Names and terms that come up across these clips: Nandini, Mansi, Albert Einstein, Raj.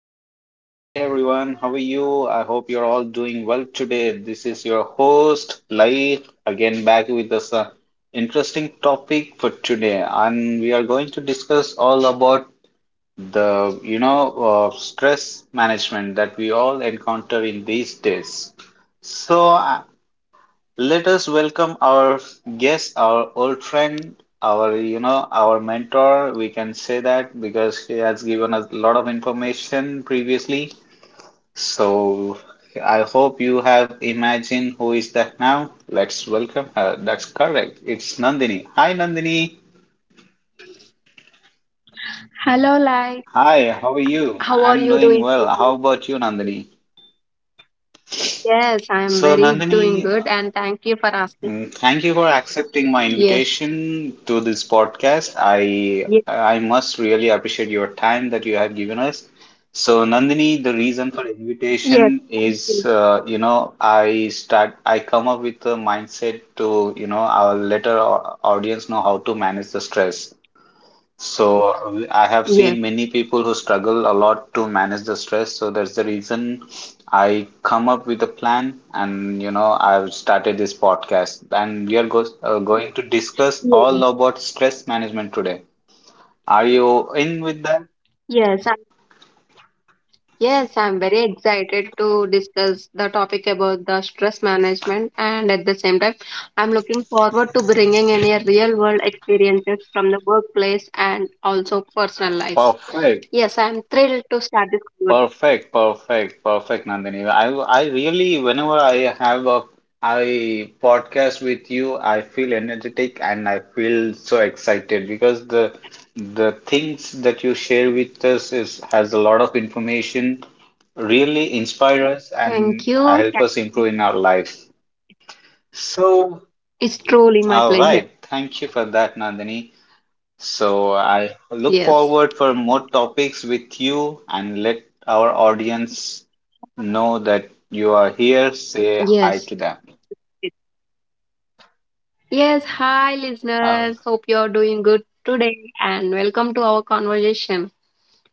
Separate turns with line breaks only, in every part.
Hello.
listeners. Hi, everyone. How are you? I hope you're all doing well today. This is your host, Lai, again back with this interesting topic for today. And we are going to discuss all about stress management that we all encounter in these days. So, uh, let us welcome our guest, our old friend, our our mentor. We can say that because he has given us a lot of information previously. So I hope you have imagined who is that now. Let's welcome her. That's correct. It's Nandini. Hi, Nandini.
Hello, like,
Hi, how are you?
how are
I'm
you
doing
doing?
well. How about you, Nandini?
Yes, I am
So,
very doing
Nandini,
good, and thank you for asking.
Thank you for accepting my
Yes,
invitation to this podcast. I
yes,
I must really appreciate your time that you have given us. So Nandini, the reason for
yes,
invitation
thank
is
you.
I come up with a mindset to I'll let our audience know how to manage the stress. So I have
Yes,
seen many people who struggle a lot to manage the stress. So that's the reason I come up with a plan, and you know I've started this podcast, and we are go going to discuss
yes,
all about stress management today. Are you in with that?
yes. Yes, I'm very excited to discuss the topic about the stress management, and at the same time, I'm looking forward to bringing in a real-world experiences from the workplace and also personal lives.
Perfect.
Yes, I'm thrilled to start this conversation.
Perfect, perfect, perfect, Nandini. I really, whenever I have a I podcast with you, I feel energetic and I feel so excited because the things that you share with us is has a lot of information, really inspire us and
Thank you.
help
Thank-
us improve in our life. So,
It's truly my
all
pleasure.
right, thank you for that, Nandini. So I look
Yes,
forward for more topics with you and let our audience know that you are here. Say hi
yes.
to them.
Yes, hi
Um,
listeners. Hope you're doing good today and welcome to our conversation.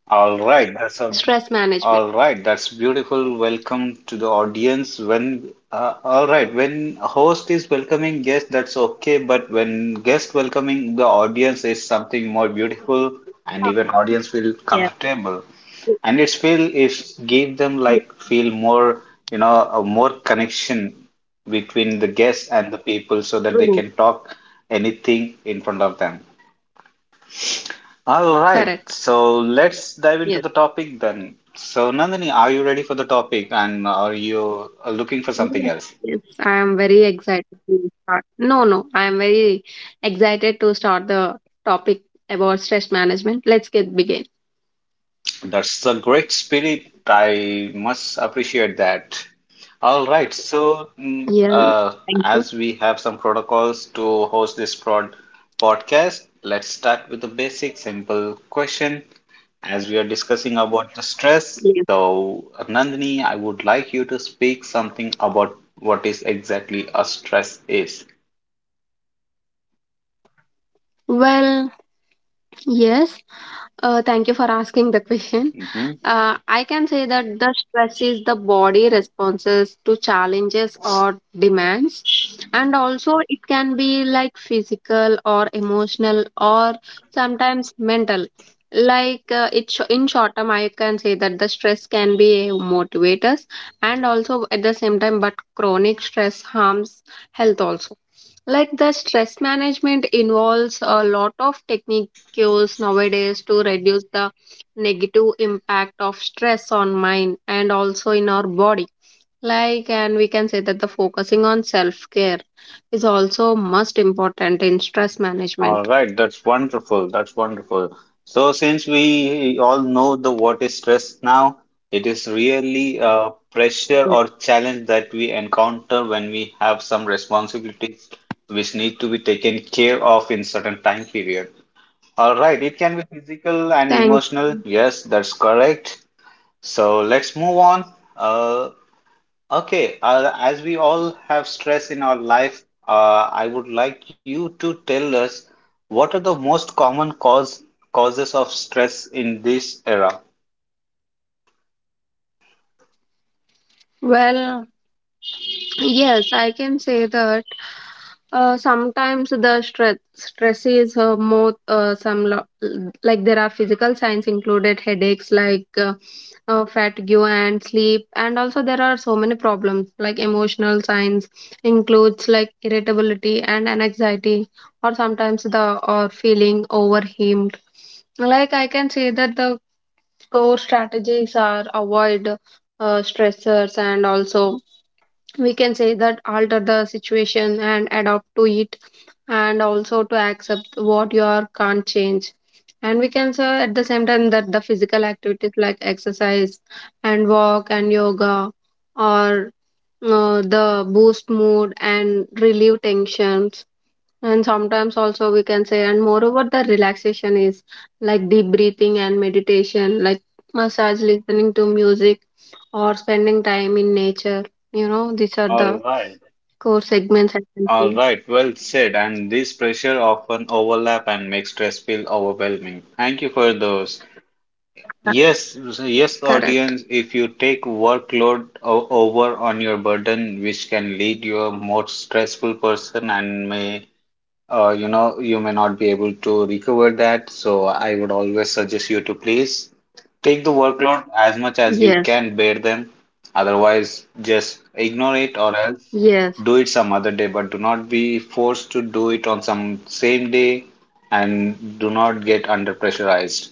all right, that's a
Stress management.
all right. That's beautiful. Welcome to the audience. When all right, when a host is welcoming guest, that's okay. But when guest welcoming the audience is something more beautiful, and
Oh,
even audience feel
yes,
comfortable. And it's feel if give them
true,
like feel more a more connection between the guests and the people so that they
true.
can talk anything in front of them. All right,
Correct.
so let's dive into
Yes.
the topic then. So Nandini, are you ready for the topic and are you looking for something
Yes,
else?
yes. I am very excited to start. No, no, I am very excited to start the topic about stress management. Let's get begin.
That's a great spirit. I must appreciate that. All right.
Yes, thank you.
As we have some protocols to host this prod podcast, let's start with the basic, simple question. As we are discussing about the stress,
Yes.
so Nandini, I would like you to speak something about what is exactly a stress is.
Well, yes. Thank you for asking the question.
Mm-hmm.
I can say that the stress is the body responses to challenges or demands, and also it can be like physical or emotional or sometimes mental. Like it in short term, I can say that the stress can be motivators, and also at the same time, but chronic stress harms health also. Like the stress management involves a lot of techniques nowadays to reduce the negative impact of stress on mind and also in our body, like, and we can say that the focusing on self care is also most important in stress
All
management.
right, that's wonderful. That's wonderful. So, since we all know the what is stress now, it is really a pressure
Yes,
or challenge that we encounter when we have some responsibilities which need to be taken care of in certain time period. All right, it can be physical and
thank
emotional.
you.
Yes, that's correct. So let's move on. Uh, Okay, as we all have stress in our life, I would like you to tell us what are the most common causes of stress in this era.
Well, yes, I can say that sometimes the stress is more like there are physical signs included headaches like fatigue and sleep, and also there are so many problems like emotional signs includes like irritability and anxiety, or sometimes the or feeling overwhelmed. Like I can say that the core strategies are avoid stressors, and also we can say that alter the situation and adapt to it, and also to accept what you are can't change. And we can say at the same time that the physical activities like exercise and walk and yoga, or the boost mood and relieve tensions, and sometimes also we can say, and moreover the relaxation is like deep breathing and meditation, like massage, listening to music, or spending time in nature. You know, these are the
All right.
core segments I can
All
see.
right, well said. And this pressure often overlap and makes stress feel overwhelming. Thank you for those. Yes, yes,
Correct.
audience. If you take workload over on your burden, which can lead you a more stressful person and may you know, you may not be able to recover that. So I would always suggest you to please take the workload as much as you
Yes.
can bear them. Otherwise, just ignore it or else
Yes,
do it some other day. But do not be forced to do it on some same day and do not get under pressurized.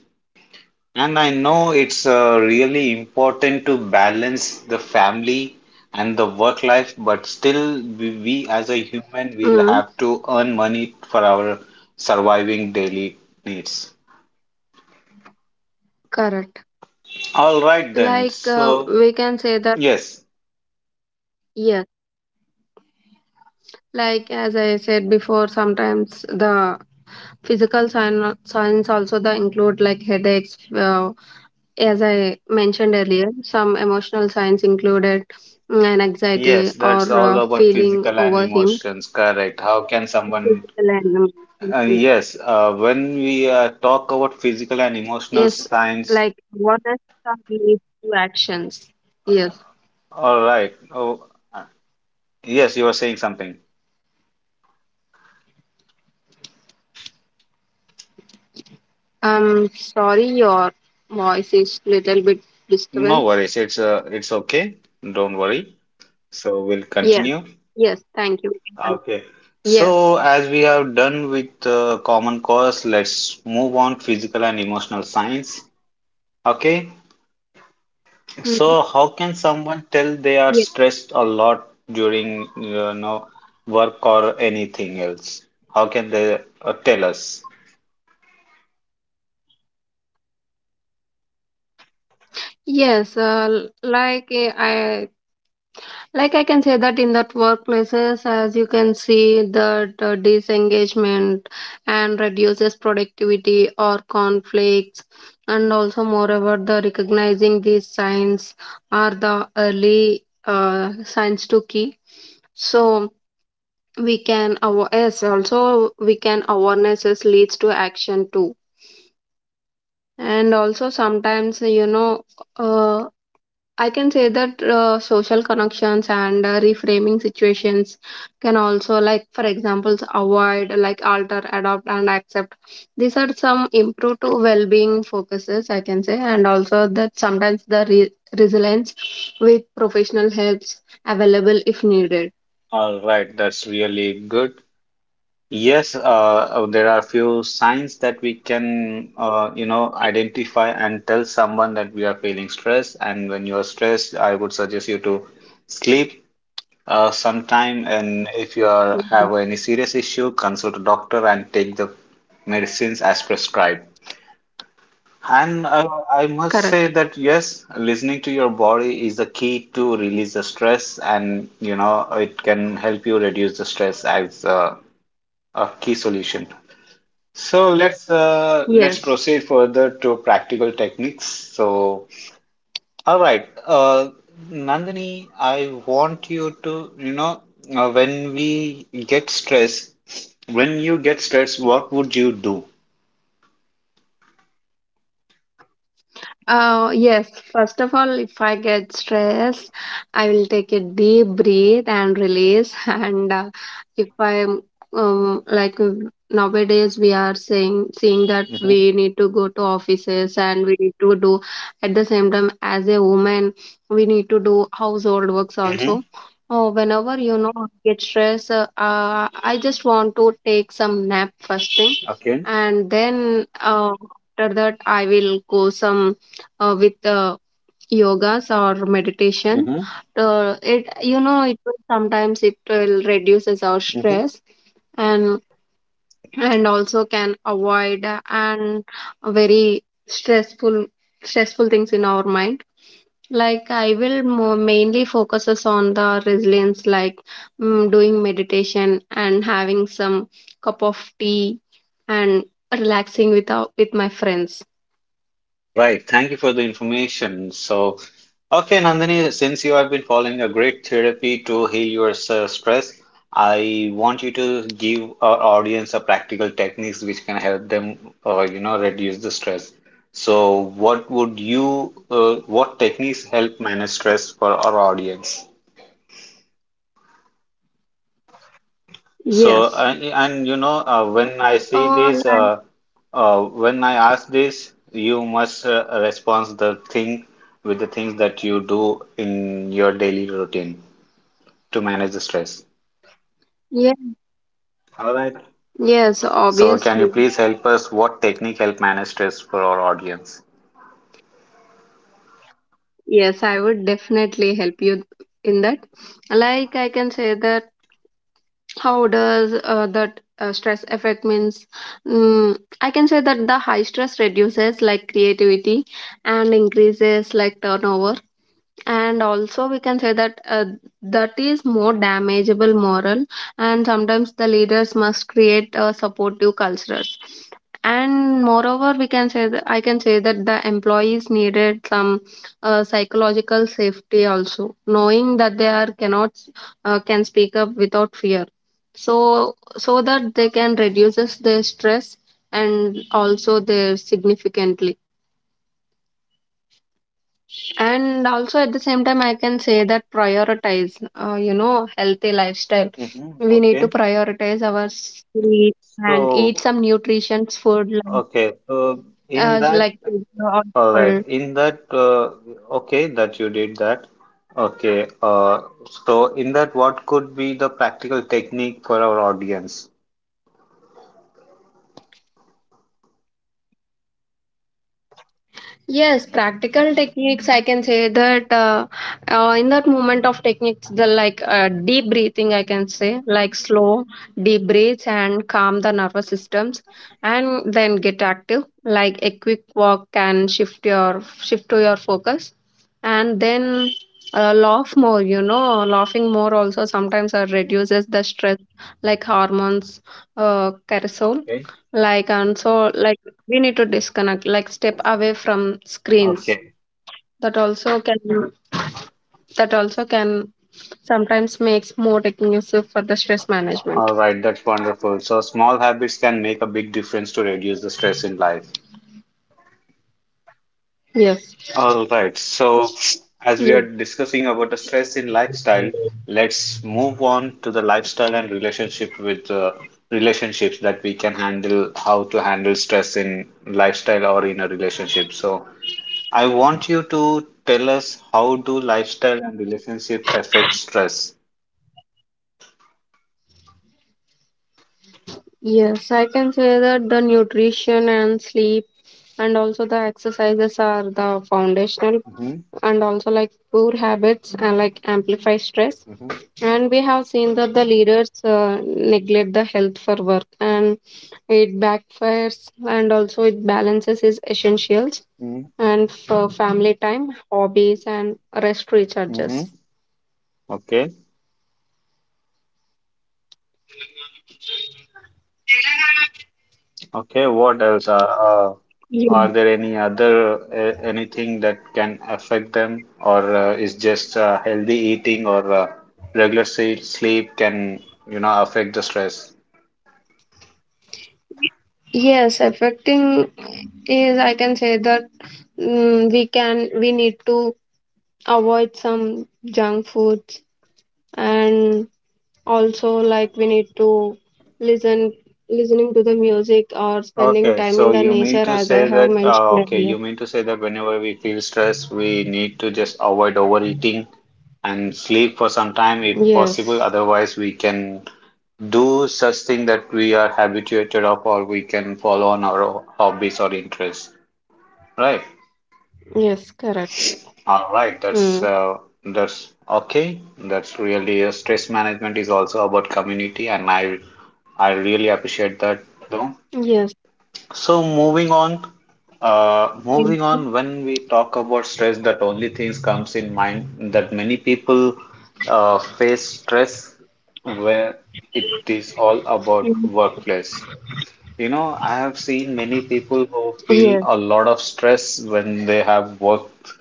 And I know it's really important to balance the family and the work life, but still, we as a human will
mm,
have to earn money for our surviving daily needs.
correct.
All right, then.
Like
So,
we can say that,
yes,
yes, like as I said before, sometimes the physical signs also the include like headaches, as I mentioned earlier, some emotional signs included, mm, an anxiety
yes, that's
or
all about
feeling
physical and
overwhelmed.
emotions. Correct. How can
Physical
someone,
and emotional, yes.
yes, when we talk about physical and emotional
Yes,
signs.
like what are these two actions? Yes,
All right. Oh, uh, yes, you were saying something.
I'm sorry, your voice is little bit
No
disturbance.
worries. It's okay. Don't worry. So we'll
Yes.
continue.
Yes. Thank you. We can con-
Okay.
Yes.
So as we have done with common cause, let's move on physical and emotional science. Okay.
Mhm.
So how can someone tell they are
Yes.
stressed a lot during work or anything else? How can they tell us?
Yes, like I can say that in that workplaces, as you can see, that disengagement and reduces productivity or conflicts, and also moreover, the recognizing these signs are the early signs to key. So yes, also we can awarenesses leads to action too. And also sometimes, you know, uh, I can say that social connections and reframing situations can also, like, for example, avoid, like, alter, adopt, and accept. These are some improved well being focuses, I can say, and also that sometimes resilience with professional helps available if needed.
All right, that's really good. Yes, there are few signs that we can, identify and tell someone that we are feeling stress. And when you are stressed, I would suggest you to sleep sometime. And if you are
Mhm.
have any serious issue, consult a doctor and take the medicines as prescribed. And I must say
Correct.
that yes, listening to your body is the key to release the stress, and you know, it can help you reduce the stress as a key solution. So let's
Yes.
proceed further to practical techniques. So all right, uh, Nandini, I want you to uh, when we get stressed, when you get stressed, what would you do?
Yes, first of all, if I get stressed, I will take a deep breath and release. And if I'm um, like uh, nowadays, we are saying seeing that
Mm-hmm.
we need to go to offices and we need to do at the same time as a woman, we need to do household works also.
Mm-hmm.
Oh, whenever you know I get stressed, I just want to take some nap first thing,
Okay.
and then after that I will go some with yogas or meditation.
Mm-hmm.
It, you know, it will sometimes it will reduces our stress, and also can avoid and very stressful stressful things in our mind. Like, I will more mainly focuses on the resilience, like, mm, doing meditation and having some cup of tea and relaxing with with my friends.
All right, thank you for the information. So, okay, Nandini, since you have been following a great therapy to heal your stress, I want you to give our audience a practical techniques which can help them, reduce the stress. So, what would you, what techniques help manage stress for our audience?
Yes.
And you know, when I see
oh
this,
like,
when I ask this, you must respond the thing with the things that you do in your daily routine to manage the stress. All right.
Yes,
So, can you
obviously.
please help us? What technique help manage stress for our audience?
Yes, I would definitely help you in that. Like I can say that how does that stress affect means, mm, I can say that the high stress reduces like creativity and increases like turnover, and also we can say that that is more damageable moral, and sometimes the leaders must create supportive cultures. And moreover we can say that, the employees needed some psychological safety, also knowing that they are cannot can speak up without fear, so so that they can reduces their stress, and also their significantly. And also at the same time, I can say that prioritize, you know, healthy lifestyle.
Mm-hmm.
We need to
Okay.
prioritize our sleep and eat
So,
some nutritious food,
okay. So, in that.
like alcohol.
All right. Okay, that you did that. Okay. Uh, so in that, what could be the practical technique for our audience?
Yes, practical techniques. I can say that in that moment of techniques, the like deep breathing, I can say, like slow, deep breaths and calm the nervous systems, and then get active. Like a quick walk can shift to your focus, and then laugh more. You know, laughing more also sometimes reduces the stress, like hormones, cortisol
Okay.
like, and so, like, we need to disconnect, like, step away from screens.
Okay.
That also can, that also can sometimes makes more conducive for the stress management.
All right. That's wonderful. So small habits can make a big difference to reduce the stress in life.
Yes.
All right. So as we are
Ye-
discussing about the stress in lifestyle, let's move on to the lifestyle and relationship with relationships that we can handle, how to handle stress in lifestyle or in a relationship. So I want you to tell us how do lifestyle and relationship affect stress.
Yes, I can say that the nutrition and sleep and also the exercises are the foundational,
Mm-hmm,
and also like poor habits and like amplify stress.
mm-hmm,
And we have seen that the leaders neglect the health for work, and it backfires, and also it balances its essentials and for family time, hobbies and rest
mm-hmm.
recharges.
Okay, okay. What else? Uh,
Yeah.
are there any other anything that can affect them, or is just healthy eating or regular sleep can you know affect the stress?
Yes, affecting is, I can say that, mm, we need to avoid some junk foods, and also like we need to listen listening to the music or spending
Okay,
time
so
in the
you mean
nature,
to
as I
say
have
that,
mentioned
okay,
earlier.
you mean to say that whenever we feel stressed, we need to just avoid overeating and sleep for some time if possible.
Yes.
Otherwise, we can do such thing that we are habituated of, or we can follow on our hobbies or interests. Right.
Yes, correct.
All right.
Hmm.
That's okay. That's really stress management is also about community, and I really appreciate that though.
Yes.
So moving on,
Thank
moving
you.
on. When we talk about stress, that only things comes in mind that many people face stress where it is all about
Mm.
workplace. You know, I have seen many people who feel
Yes.
a lot of stress when they have worked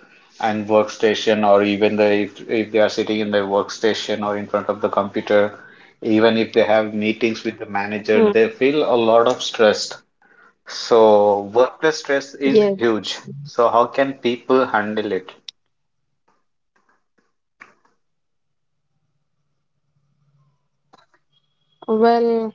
and workstation, or even they if they are sitting in their workstation or in front of the computer, even if they have meetings with the manager,
Hmm.
they feel a lot of stress, so workplace stress is
Yes.
huge. So, how can people handle it?
Well,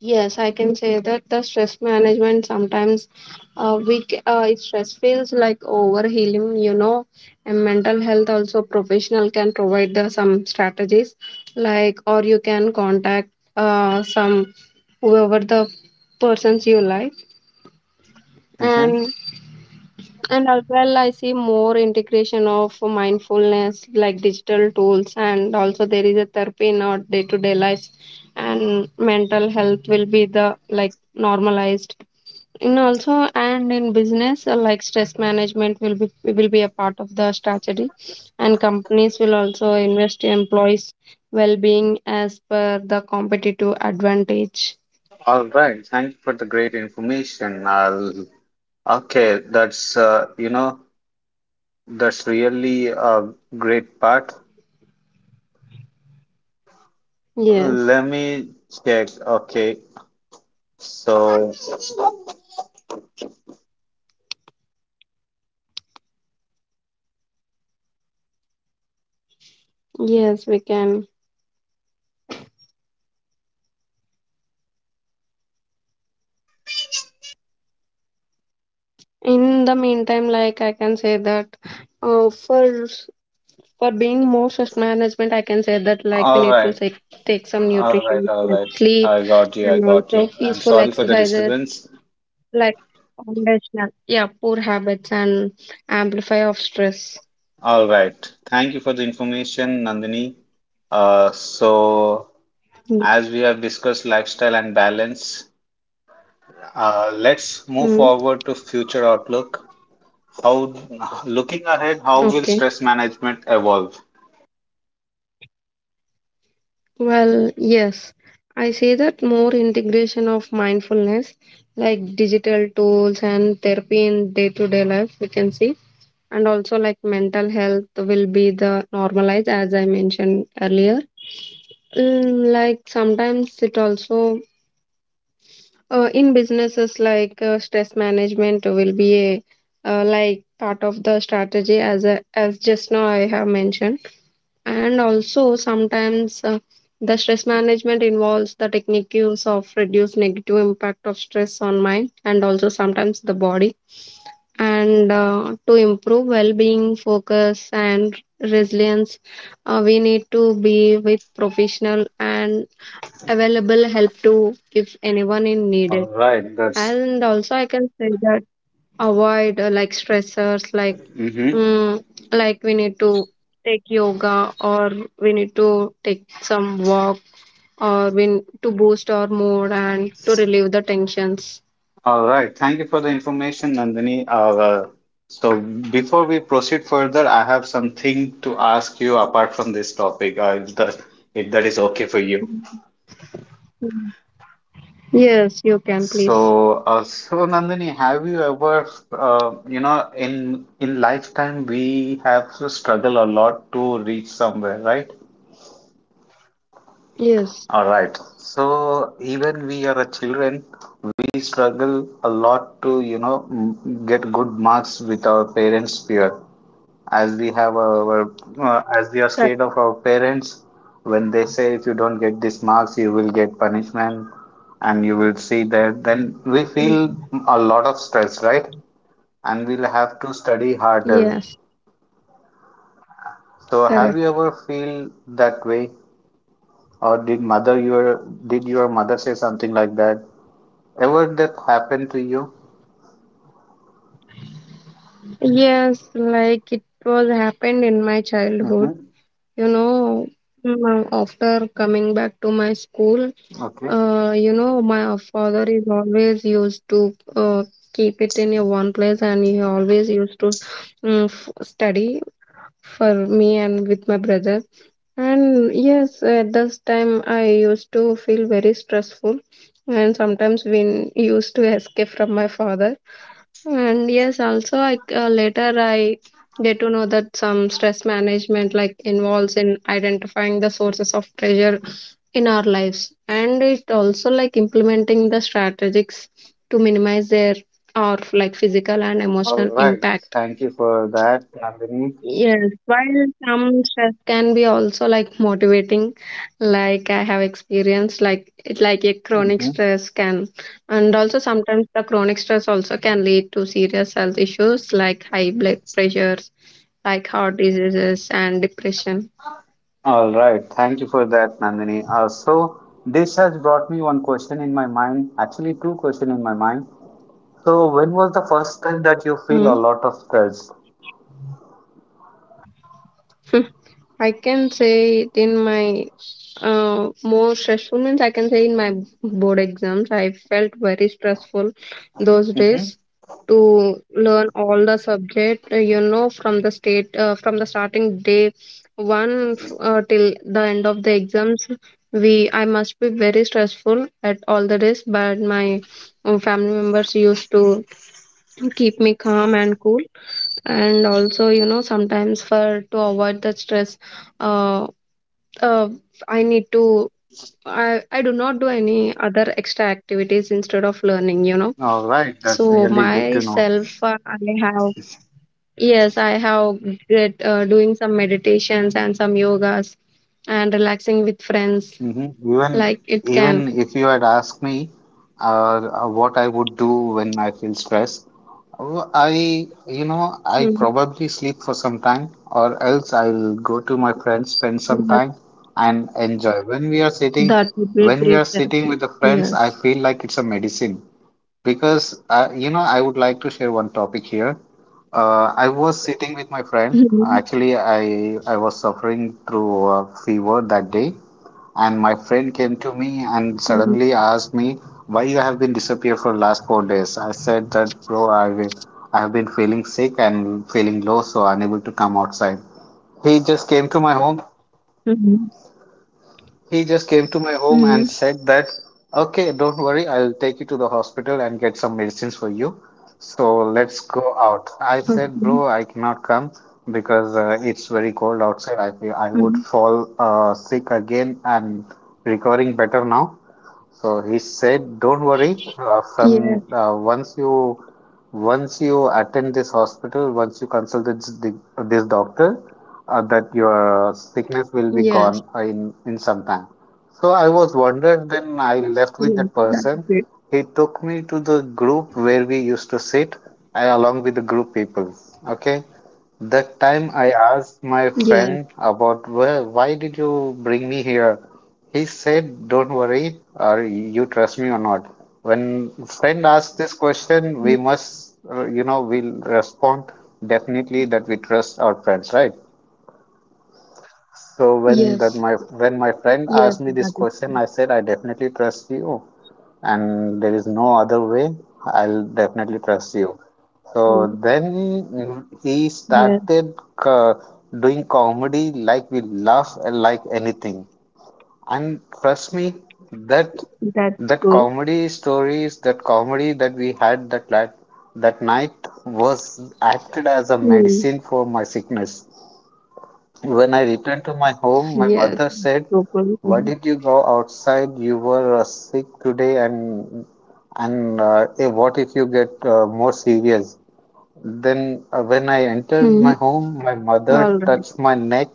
yes, I can say that the stress management sometimes, it stress feels like overhealing, you know, and mental health also professional can provide the some strategies, like, or you can contact some whoever the persons you like.
Mhm.
And and as well, I see more integration of mindfulness, like digital tools, and also there is a therapy in our day-to-day lives, and mental health will be the like normalized. And also, and in business, like stress management will be a part of the strategy, and companies will also invest in employees' well-being as per the competitive advantage.
All right. Thank you for the great information. Okay, that's that's really a great part.
Yes,
Let me check. Okay. So,
yes, we can. In the meantime, like I can say that uh, for for being more stress management, I can say that like we
all
need to
right,
take some
all right,
nutrition,
all
like
right.
sleep,
I got you. I
and
got you.
also
I'm
peaceful
sorry for the
exercises,
disturbance.
like foundational, yeah, poor habits and amplify of stress.
All right. Thank you for the information, Nandini. So as we have discussed lifestyle and balance, let's move
Mm-hmm.
forward to future outlook. How, looking ahead, how will
Okay.
stress management evolve?
Well, yes, I say that more integration of mindfulness, like digital tools and therapy in day to day life, we can see, and also like mental health will be the normalized as I mentioned earlier. Mm, like sometimes it also, in businesses, like, stress management will be a like part of the strategy as a, as just now I have mentioned. And also sometimes the stress management involves the techniques of reduce negative impact of stress on mind, and also sometimes the body, and to improve well-being focus and resilience. We need to be with professional and available help to if anyone in
All
needed.
right, that's
And also I can say that avoid like stressors, like,
mhm.
mm, like we need to take yoga, or we need to take some walk, or to boost our mood and to relieve the tensions.
All right. Thank you for the information, Nandini. So before we proceed further, I have something to ask you apart from this topic, if that is okay for you.
Mm. Yes, you can please.
So Nandini, have you ever, in lifetime we have to struggle a lot to reach somewhere, right?
Yes,
All right. So even we are a children, we struggle a lot to, get good marks with our parents' fear as we have our as we are
correct.
scared of our parents when they say if you don't get these marks you will get punishment and you will see that then we feel a lot of stress, right, and we'll have to study harder.
Yes,
So have you
correct.
ever feel that way, or did your mother say something like that, ever that happened to you?
Yes, like it was happened in my
Mm-hmm.
childhood. You know, mm, after coming back to my school,
Okay,
you know, my father is always used to keep it in a one place, and he always used to, mm, f study for me and with my brother. And yes, at this time I used to feel very stressful, and sometimes used to escape from my father. And yes, also I get to know that some stress management like involves in identifying the sources of pressure in our lives, and it also like implementing the strategies to minimize their or like physical and
all
emotional
right,
impact.
thank you for that, Nandini.
Yes, while some stress can be also like motivating, like I have experienced, like it like a chronic stress can, and also sometimes the chronic stress also can lead to serious health issues like high blood pressures, like heart diseases and depression.
All right, thank you for that, Nandini. So this has brought me one question in my mind, actually two questions in my mind. So when was the first time that you feel a
Mm.
lot of stress?
I can say it in my more stressful means I can say in my board exams I felt very stressful those
Mm-hmm.
days to learn all the subject you know from the state from the starting day till the end of the exams we I must be very stressful at all the days, but my family members used to keep me calm and cool. And also, you know, sometimes for to avoid the stress uh, uh, I need to. I do not do any other extra activities instead of learning, you know.
All right, that's
So
really good to know.
myself, I have doing some meditations and some yogas and relaxing with friends.
Hmm. Even
Like it
even
can,
if you had asked me what I would do when I feel stressed, I, I
mm,
probably sleep for some time, or else I'll go to my friends, spend some
yes,
time, and enjoy.
that would be a
When we
great
are sitting
therapy.
with the friends, I
Yes.
feel like it's a medicine because, I would like to share one topic here. I was sitting with my friend.
Mhm,
Actually, I was suffering through a fever that day, and my friend came to me and
mhm,
suddenly asked me why you have been disappeared for last 4 days. I said that, bro, I have been feeling sick and feeling low, so unable to come outside. He just came to my home
mhm,
he just came to my home and
mhm.
said that, okay, don't worry, I'll take you to the hospital and get some medicines for you. So let's go out. I
Okay.
said, bro, I cannot come because it's very cold outside. I feel I would
Mhm.
fall sick again. I'm recovering better now. So he said, "Don't worry.
Yes.
From once you attend this hospital, once you consult this doctor, that your sickness will be gone
Yes.
in some time." So I was wondered. Then I left with
Yes.
that
That would
person.
be.
He took me to the group where we used to sit, along with the group people. Okay. That time I asked my
Yes.
friend about, well, why did you bring me here? He said, "Don't worry, or you trust me or not." When friend asks this question, we must, we'll respond definitely that we trust our friends, right? So
Yes.
when my friend
Yes.
asked me this
That,
question, I said I definitely trust you, and there is no other way. I'll definitely trust you. So
mm,
then he
yes,
started co- doing comedy, like we laugh like anything, and trust me, that
that's
that
good.
comedy stories, that we had that night, that night was acted as a
Mm,
medicine for my sickness. When I returned to my home, my
yes,
mother said,
super
why
good.
did you go outside? You were sick today, and what if you get more serious? Then, when I entered my
Mm,
home, my mother
all right.
touched my neck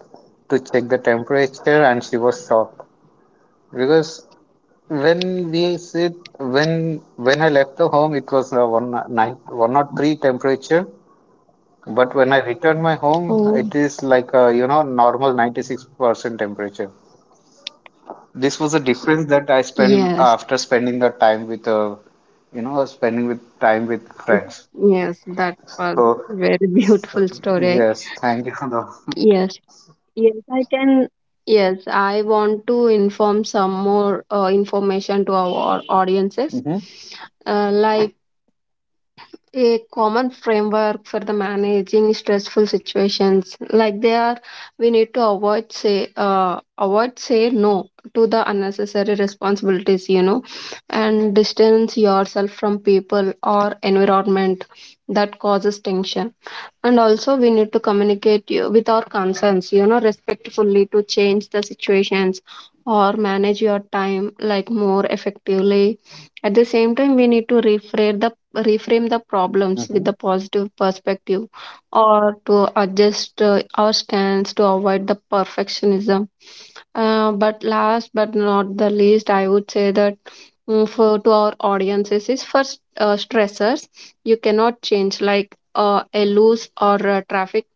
to check the temperature, and she was shocked because when we sit, when I left the home, it was one nine one not three temperature, but when I returned my home,
Oh,
it is like a, you know, normal 96% temperature. This was a difference that I spent
yes.
after spending the time with, spending with time with friends.
Yes, that was
So,
very beautiful story.
yes, thank you for the.
Yes, yes, I can. Yes, I want to inform some more information to our audiences.
Mhm,
Like a common framework for the managing stressful situations, like there we need to avoid, say no to the unnecessary responsibilities, you know, and distance yourself from people or environment that causes tension. And also, we need to communicate you, with our concerns, you know, respectfully to change the situations or manage your time like more effectively. At the same time, we need to reframe the problems with
mhm,
the positive perspective or to adjust our stance to avoid the perfectionism. But last but not the least, I would say that, mm, for to our audiences is first, stressors you cannot change, like a loose or traffic.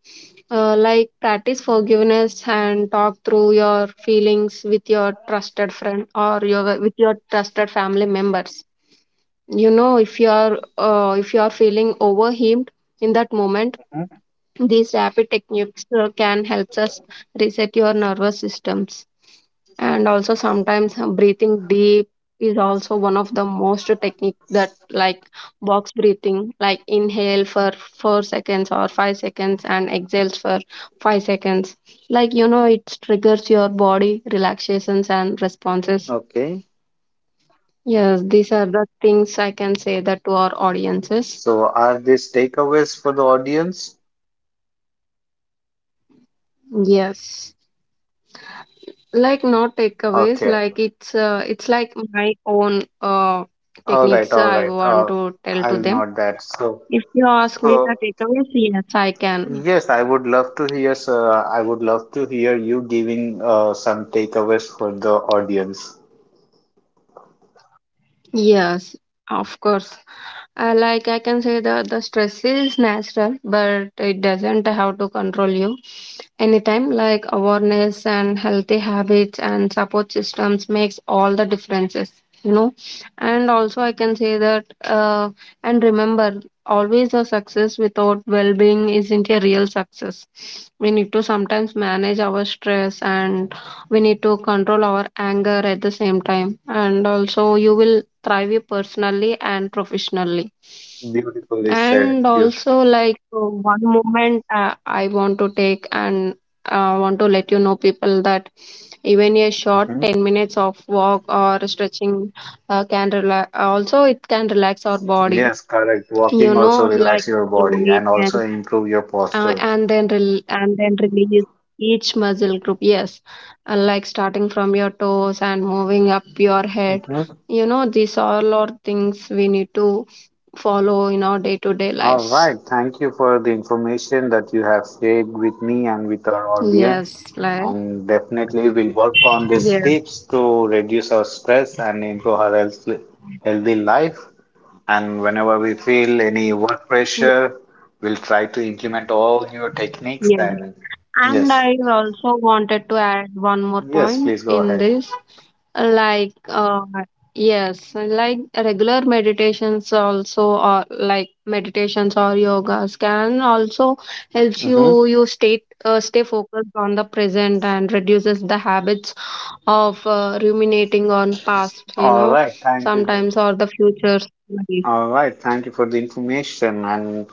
Like practice forgiveness and talk through your feelings with your trusted friend or your with your trusted family members. You know, if you are feeling overwhelmed in that moment,
mhm.
these rapid techniques can help us reset your nervous systems. And also, sometimes breathing deep is also one of the most technique that, like, box breathing, like inhale for 4 seconds or 5 seconds and exhales for 5 seconds, like, you know, it triggers your body relaxations and responses.
Okay.
Yes, these are the things I can say that to our audiences.
So, are these takeaways for the audience?
Yes, like not takeaways,
Okay.
like it's like my own
All right,
techniques
all
I
right.
want to tell to
I'll
them.
note that. So,
If you ask me the
so
takeaways, yes, I can.
yes, I would love to hear, sir. I would love to hear you giving some takeaways for the audience.
Yes, of course. Like I can say that the stress is natural, but it doesn't have to control you. Anytime, like awareness and healthy habits and support systems makes all the differences, you know. And also, I can say that, and remember, always a success without well-being isn't a real success. We need to sometimes manage our stress, and we need to control our anger at the same time, and also you will thrive you personally and professionally.
Beautifully said.
And
Beautiful.
also, like, one moment I want to take and want to let you know, people, that even a short
Mhm.
10 minutes of walk or stretching can relax, also, it can relax our body,
Yes, correct.
you
Walking also
know. Like,
relax your body
slowly
and
ten
also improve your postures.
and then release each muscle group. Yes, like starting from your toes and moving up your head,
Mhm.
you know, these all are things we need to follow in our day to day
All
lives.
right. Thank you for the information that you have shared with me and with our audience.
Yes, like,
And definitely we'll work on these
yes,
tips to reduce our stress and improve our health, healthy life. And whenever we feel any work pressure, we'll try to implement all your techniques.
yes.
And
And
yes,
I also wanted to add one more
yes,
point
please go
in
ahead.
this. Like, yes, like regular meditations also, or like meditations or yogas can also helps
Mm-hmm.
you you stay stay focused on the present and reduces the habits of ruminating on past, you
All
know,
right, thank you.
sometimes or the future.
All right, thank you for the information and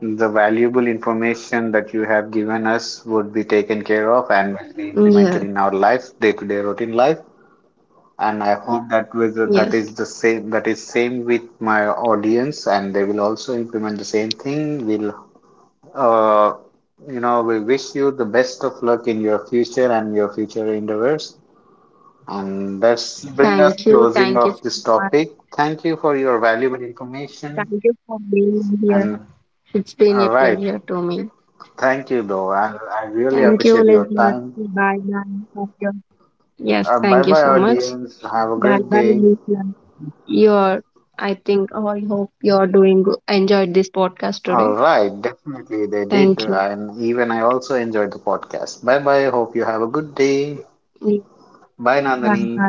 the valuable information that you have given us would be taken care of and will be implemented
Yeah.
in our life, day-to-day routine life. And I hope that with that
Yes.
is the same that is same with my audience, and they will also implement the same thing. We'll Uh, you know, we wish you the best of luck in your future and your future endeavors. And that's bring us
Thank you.
closing
Thank you
of
so
this
much.
topic. Thank you for your valuable
Thank
information.
you for being here.
And
It's been
all
a
right,
pleasure to me.
thank you though. I really
Thank you,
appreciate your
listeners.
time.
Bye bye. Thank you. Yes,
Bye
thank you
bye,
so much.
audience. Have a
Bye
great
bye,
day.
listeners. You're, I think, oh, I hope you're doing good. Enjoyed this podcast
All
today.
right, definitely they did.
Thank you.
And even I also enjoyed the podcast. Bye bye. Hope you have a good day.
Bye
Bye,
bye.
Nandini.